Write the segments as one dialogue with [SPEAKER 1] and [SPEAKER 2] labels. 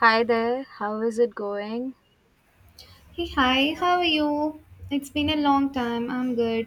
[SPEAKER 1] Hi there, how is it going?
[SPEAKER 2] Hey, hi, how are you? It's been a long time. I'm good.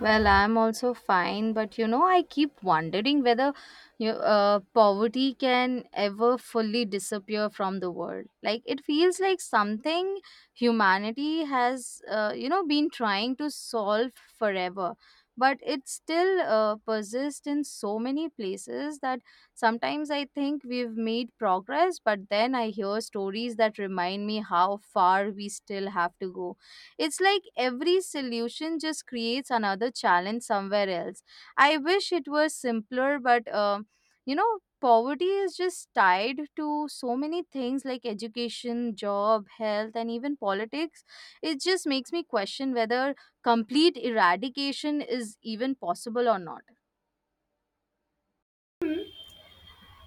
[SPEAKER 1] Well, I'm also fine, but you know, I keep wondering whether poverty can ever fully disappear from the world. Like, it feels like something humanity has, been trying to solve forever, but it still persists in so many places that sometimes I think we've made progress, but then I hear stories that remind me how far we still have to go. It's like every solution just creates another challenge somewhere else. I wish it was simpler, but poverty is just tied to so many things like education, job, health, and even politics. It just makes me question whether complete eradication is even possible or not.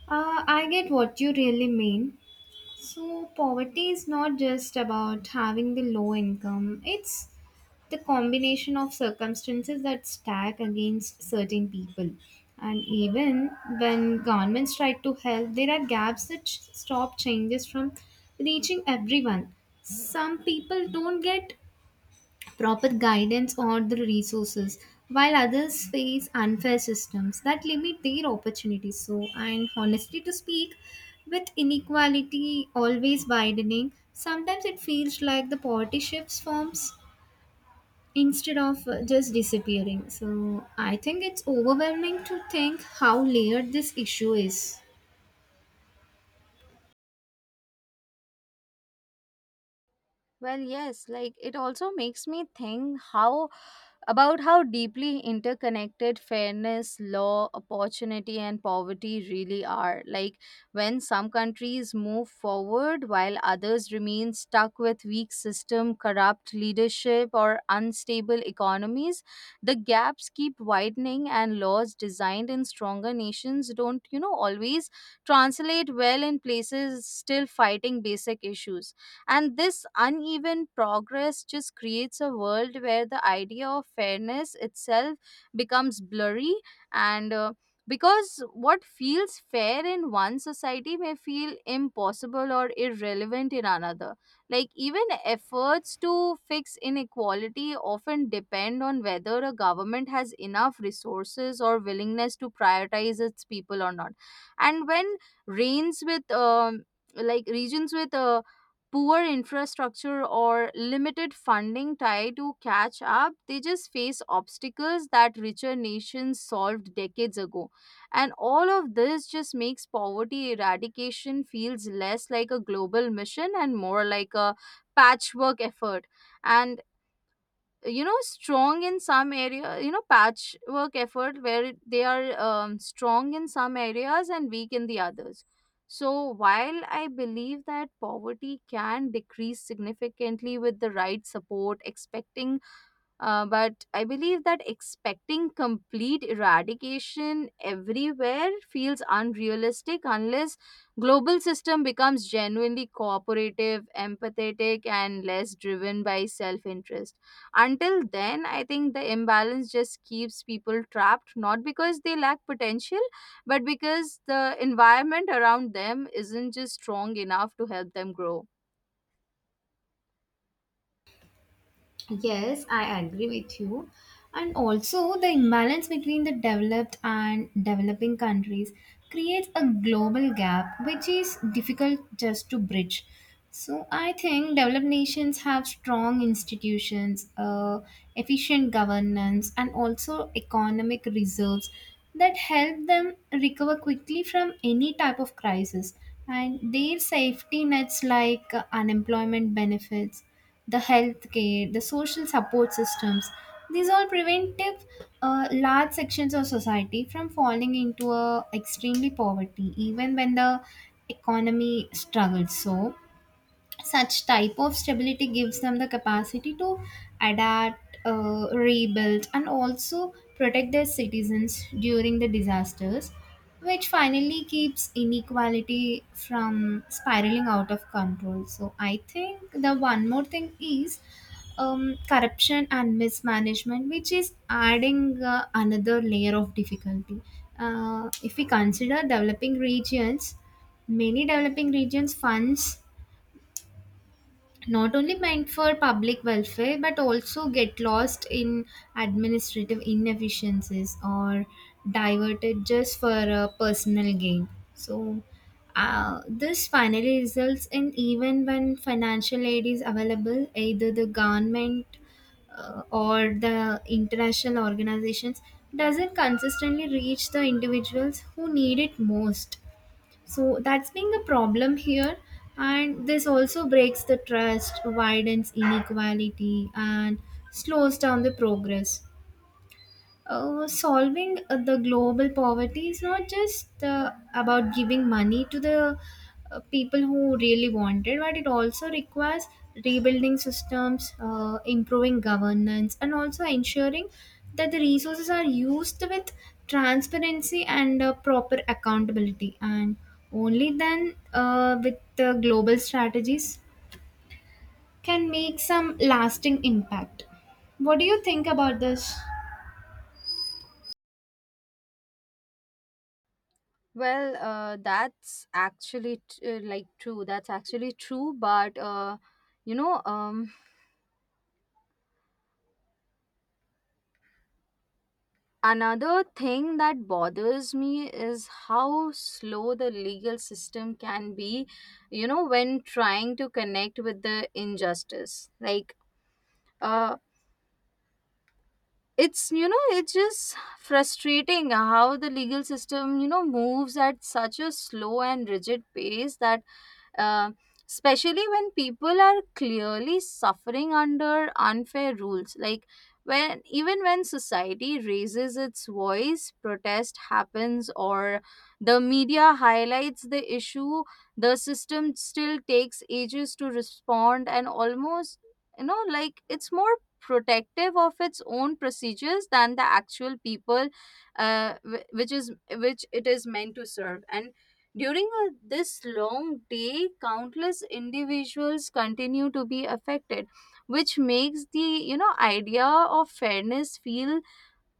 [SPEAKER 2] I get what you really mean. So, poverty is not just about having the low income, it's the combination of circumstances that stack against certain people. And even when governments try to help, there are gaps that stop changes from reaching everyone. Some people don't get proper guidance or the resources while others face unfair systems that limit their opportunities, so and honestly to speak, with inequality always widening, sometimes it feels like the poverty shifts forms instead of just disappearing. So I think it's overwhelming to think how layered this issue is.
[SPEAKER 1] Well, yes, like it also makes me think how about how deeply interconnected fairness, law, opportunity, and poverty really are. Like when some countries move forward while others remain stuck with weak system, corrupt leadership, or unstable economies, the gaps keep widening, and laws designed in stronger nations don't, you know, always translate well in places still fighting basic issues. And this uneven progress just creates a world where the idea of fairness itself becomes blurry and because what feels fair in one society may feel impossible or irrelevant in another. Like, even efforts to fix inequality often depend on whether a government has enough resources or willingness to prioritize its people or not. And when reigns with like regions with poor infrastructure or limited funding try to catch up, they just face obstacles that richer nations solved decades ago. And all of this just makes poverty eradication feels less like a global mission and more like a patchwork effort. And you know strong in some area you know patchwork effort where they are strong in some areas and weak in the others, so while I believe that poverty can decrease significantly with the right support expecting but I believe that expecting complete eradication everywhere feels unrealistic unless global system becomes genuinely cooperative, empathetic, and less driven by self-interest. Until then, I think the imbalance just keeps people trapped, not because they lack potential, but because the environment around them isn't just strong enough to help them grow.
[SPEAKER 2] Yes, I agree with you. And also, the imbalance between the developed and developing countries creates a global gap which is difficult just to bridge. So, I think developed nations have strong institutions, efficient governance, and also economic reserves that help them recover quickly from any type of crisis. And their safety nets like unemployment benefits, the healthcare, the social support systems. These all preventive large sections of society from falling into a extremely poverty, even when the economy struggles. So, such type of stability gives them the capacity to adapt, rebuild and also protect their citizens during the disasters, which finally keeps inequality from spiraling out of control. So I think the one more thing is, corruption and mismanagement, which is adding another layer of difficulty. Uh, if we consider developing regions, many developing regions funds not only meant for public welfare but also get lost in administrative inefficiencies or diverted just for a personal gain. So this finally results in, even when financial aid is available, either the government or the international organizations doesn't consistently reach the individuals who need it most, so that's being a problem here. And this also breaks the trust, widens inequality, and slows down the progress. Solving the global poverty is not just about giving money to the people who really want it, but it also requires rebuilding systems, improving governance, and also ensuring that the resources are used with transparency and proper accountability. And only then, with the global strategies, can make some lasting impact. What do you think about this?
[SPEAKER 1] Well, that's actually t- like true. That's actually true. But you know, um, another thing that bothers me is how slow the legal system can be. You know, when trying to connect with the injustice, uh, it's just frustrating how the legal system, you know, moves at such a slow and rigid pace that, uh, especially when people are clearly suffering under unfair rules, like when even when society raises its voice, protest happens, or the media highlights the issue, the system still takes ages to respond, and almost, you know, like it's more protective of its own procedures than the actual people which it is meant to serve. And during this long day, countless individuals continue to be affected, which makes the, you know, idea of fairness feel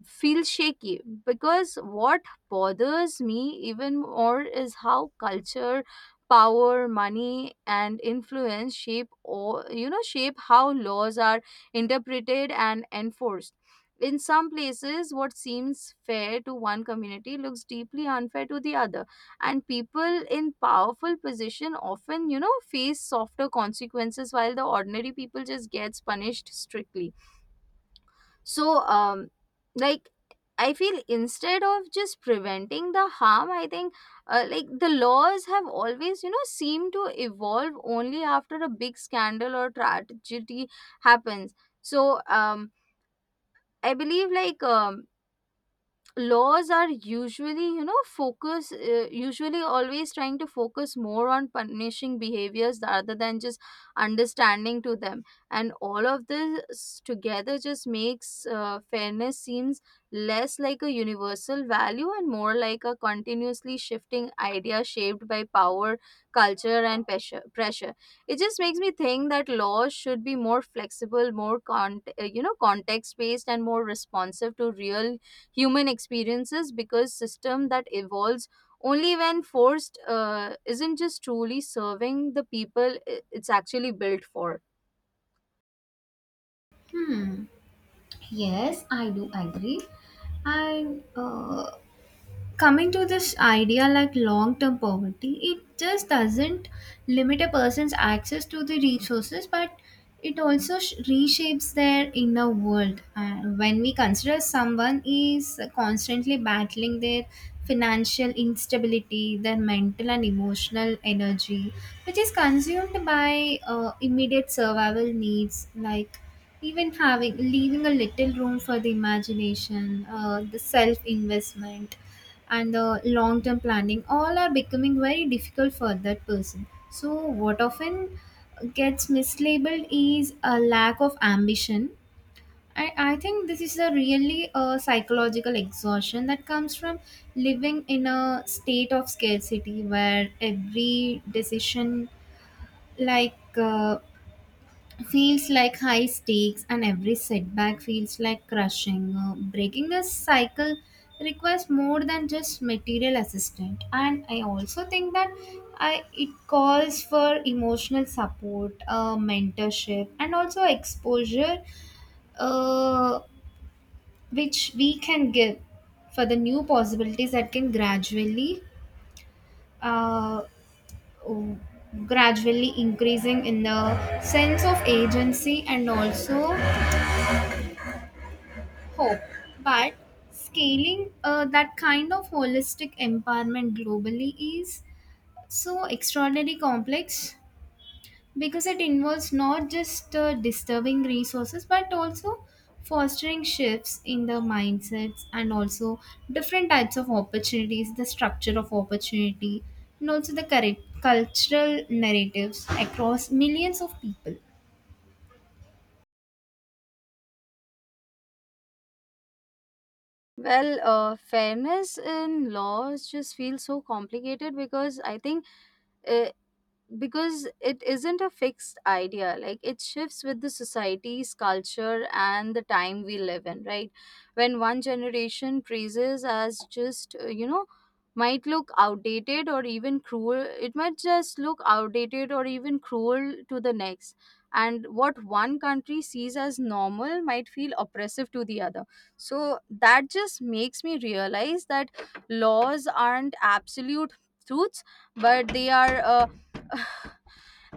[SPEAKER 1] shaky, because what bothers me even more is how culture, power, money, and influence shape, or you know, shape how laws are interpreted and enforced. In some places what seems fair to one community looks deeply unfair to the other, and people in powerful position often, you know, face softer consequences while the ordinary people just gets punished strictly. So, like, I feel instead of just preventing the harm, I think, the laws have always, you know, seem to evolve only after a big scandal or tragedy happens. So, I believe, laws are usually always trying to focus more on punishing behaviors rather than just understanding to them. And all of this together just makes fairness seems less like a universal value and more like a continuously shifting idea shaped by power, culture, and pressure. It just makes me think that laws should be more flexible, more you know, context based, and more responsive to real human experiences, because system that evolves only when forced isn't just truly serving the people it's actually built for.
[SPEAKER 2] Hmm. Yes, I do agree. And coming to this idea, like long term poverty, it just doesn't limit a person's access to the resources, but it also reshapes their inner world. Uh, when we consider someone is constantly battling their financial instability, their mental and emotional energy, which is consumed by immediate survival needs, like even having leaving a little room for the imagination, the self investment and the long term planning, all are becoming very difficult for that person. So what often gets mislabeled is a lack of ambition. I think this is a really a psychological exhaustion that comes from living in a state of scarcity where every decision, like feels like high stakes and every setback feels like crushing. Breaking this cycle requires more than just material assistance, and I also think that I, it calls for emotional support, mentorship and also exposure, uh, which we can give for the new possibilities that can gradually uh, oh, gradually increasing in the sense of agency and also hope, but scaling that kind of holistic empowerment globally is so extraordinarily complex, because it involves not just disturbing resources but also fostering shifts in the mindsets and also different types of opportunities, the structure of opportunity, and also the correct cultural narratives across millions of people.
[SPEAKER 1] Well, fairness in laws just feels so complicated, because I think, uh, because it isn't a fixed idea. Like it shifts with the society's culture and the time we live in, right? When one generation praises as just, you know might look outdated or even cruel it might just look outdated or even cruel to the next, and what one country sees as normal might feel oppressive to the other. So that just makes me realize that laws aren't absolute truths, but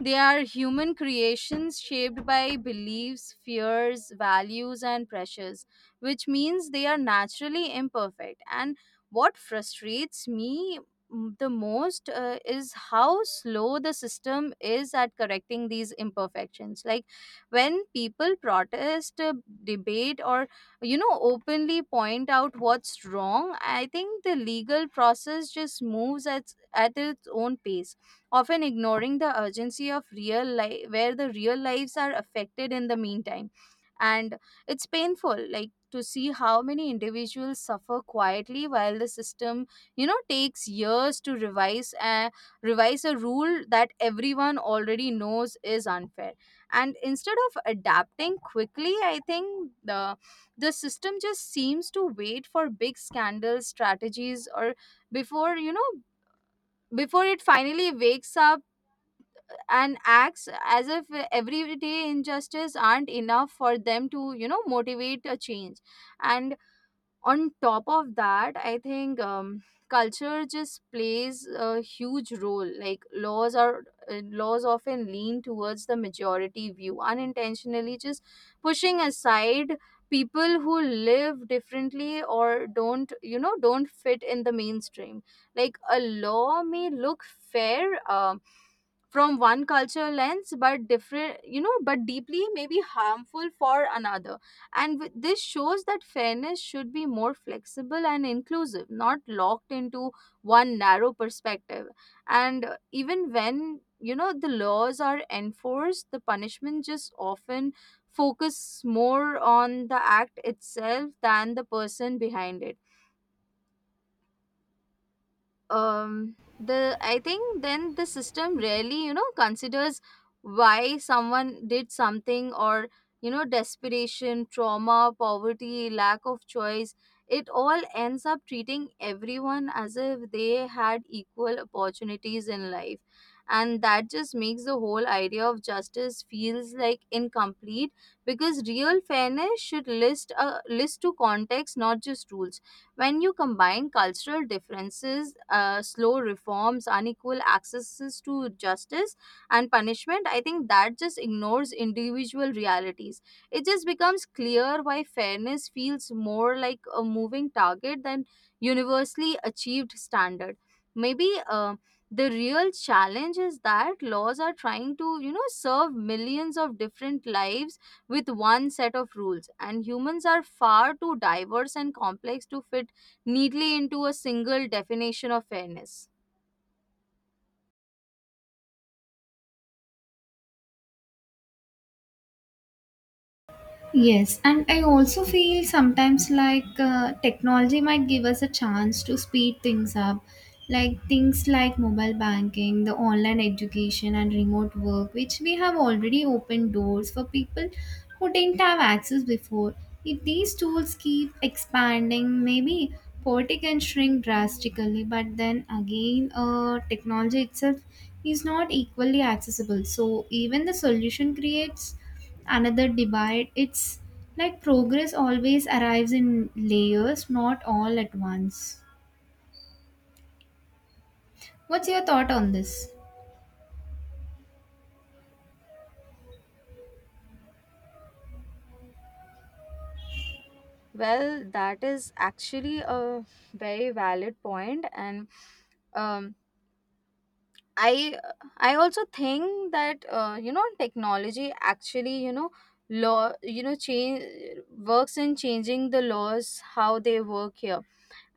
[SPEAKER 1] they are human creations shaped by beliefs, fears, values, and pressures, which means they are naturally imperfect. And what frustrates me the most, is how slow the system is at correcting these imperfections. Like when people protest, debate, or you know, openly point out what's wrong, I think the legal process just moves at its own pace, often ignoring the urgency of real life where the real lives are affected in the meantime. And it's painful, like to see how many individuals suffer quietly while the system, you know, takes years to revise a rule that everyone already knows is unfair. And instead of adapting quickly, I think the system just seems to wait for big scandal strategies or, before you know, before it finally wakes up and acts as if everyday injustice aren't enough for them to, you know, motivate a change. And on top of that I think, culture just plays a huge role. Laws often lean towards the majority view unintentionally, just pushing aside people who live differently or don't, you know, don't fit in the mainstream. Like a law may look fair, um, from one cultural lens, but different, you know, but deeply maybe harmful for another. And this shows that fairness should be more flexible and inclusive, not locked into one narrow perspective. And even when, you know, the laws are enforced, the punishment just often focus more on the act itself than the person behind it. The I think then the system rarely, you know, considers why someone did something, or you know, desperation, trauma, poverty, lack of choice. It all ends up treating everyone as if they had equal opportunities in life, and that just makes the whole idea of justice feels like incomplete, because real fairness should list to context, not just rules. When you combine cultural differences, slow reforms, unequal accesses to justice, and punishment, I think that just ignores individual realities. It just becomes clear why fairness feels more like a moving target than universally achieved standard. Maybe the real challenge is that laws are trying to, you know, serve millions of different lives with one set of rules, and humans are far too diverse and complex to fit neatly into a single definition of fairness.
[SPEAKER 2] Yes, and I also feel sometimes like technology might give us a chance to speed things up. Like things like mobile banking, the online education, and remote work, which we have already opened doors for people who didn't have access before. If these tools keep expanding, maybe poverty can shrink drastically, but then again, technology itself is not equally accessible. So even the solution creates another divide. It's like progress always arrives in layers, not all at once. What's your thought on this?
[SPEAKER 1] Well, that is actually a very valid point, and um, I I also think that, you know technology actually you know law you know change works in changing the laws how they work here,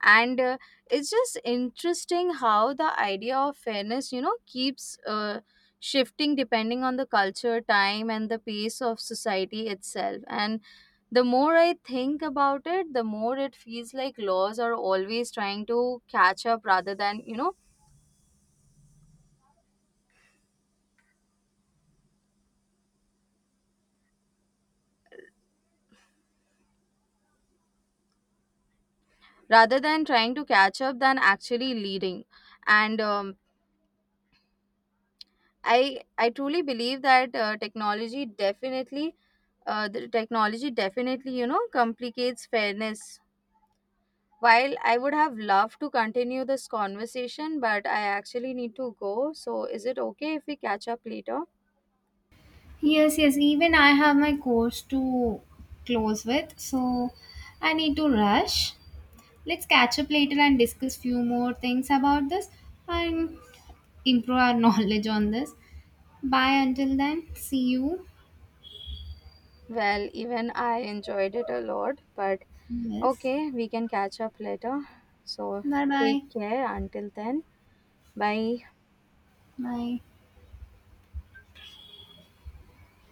[SPEAKER 1] and it's just interesting how the idea of fairness, you know, keeps, shifting depending on the culture, time, and the pace of society itself, and the more I think about it, the more it feels like laws are always trying to catch up rather than, you know, rather than trying to catch up than actually leading. And I truly believe that, technology definitely the technology definitely, you know, complicates fairness. While I would have loved to continue this conversation, but I actually need to go. So is it okay if we catch up later?
[SPEAKER 2] Yes, yes, even I have my course to close with, so I need to rush. Let's catch up later and discuss few more things about this and improve our knowledge on this. Bye until then. See you.
[SPEAKER 1] Well, even I enjoyed it a lot, but
[SPEAKER 2] Yes.
[SPEAKER 1] okay, we can catch up later. So
[SPEAKER 2] Bye bye.
[SPEAKER 1] take care until then. Bye.
[SPEAKER 2] Bye.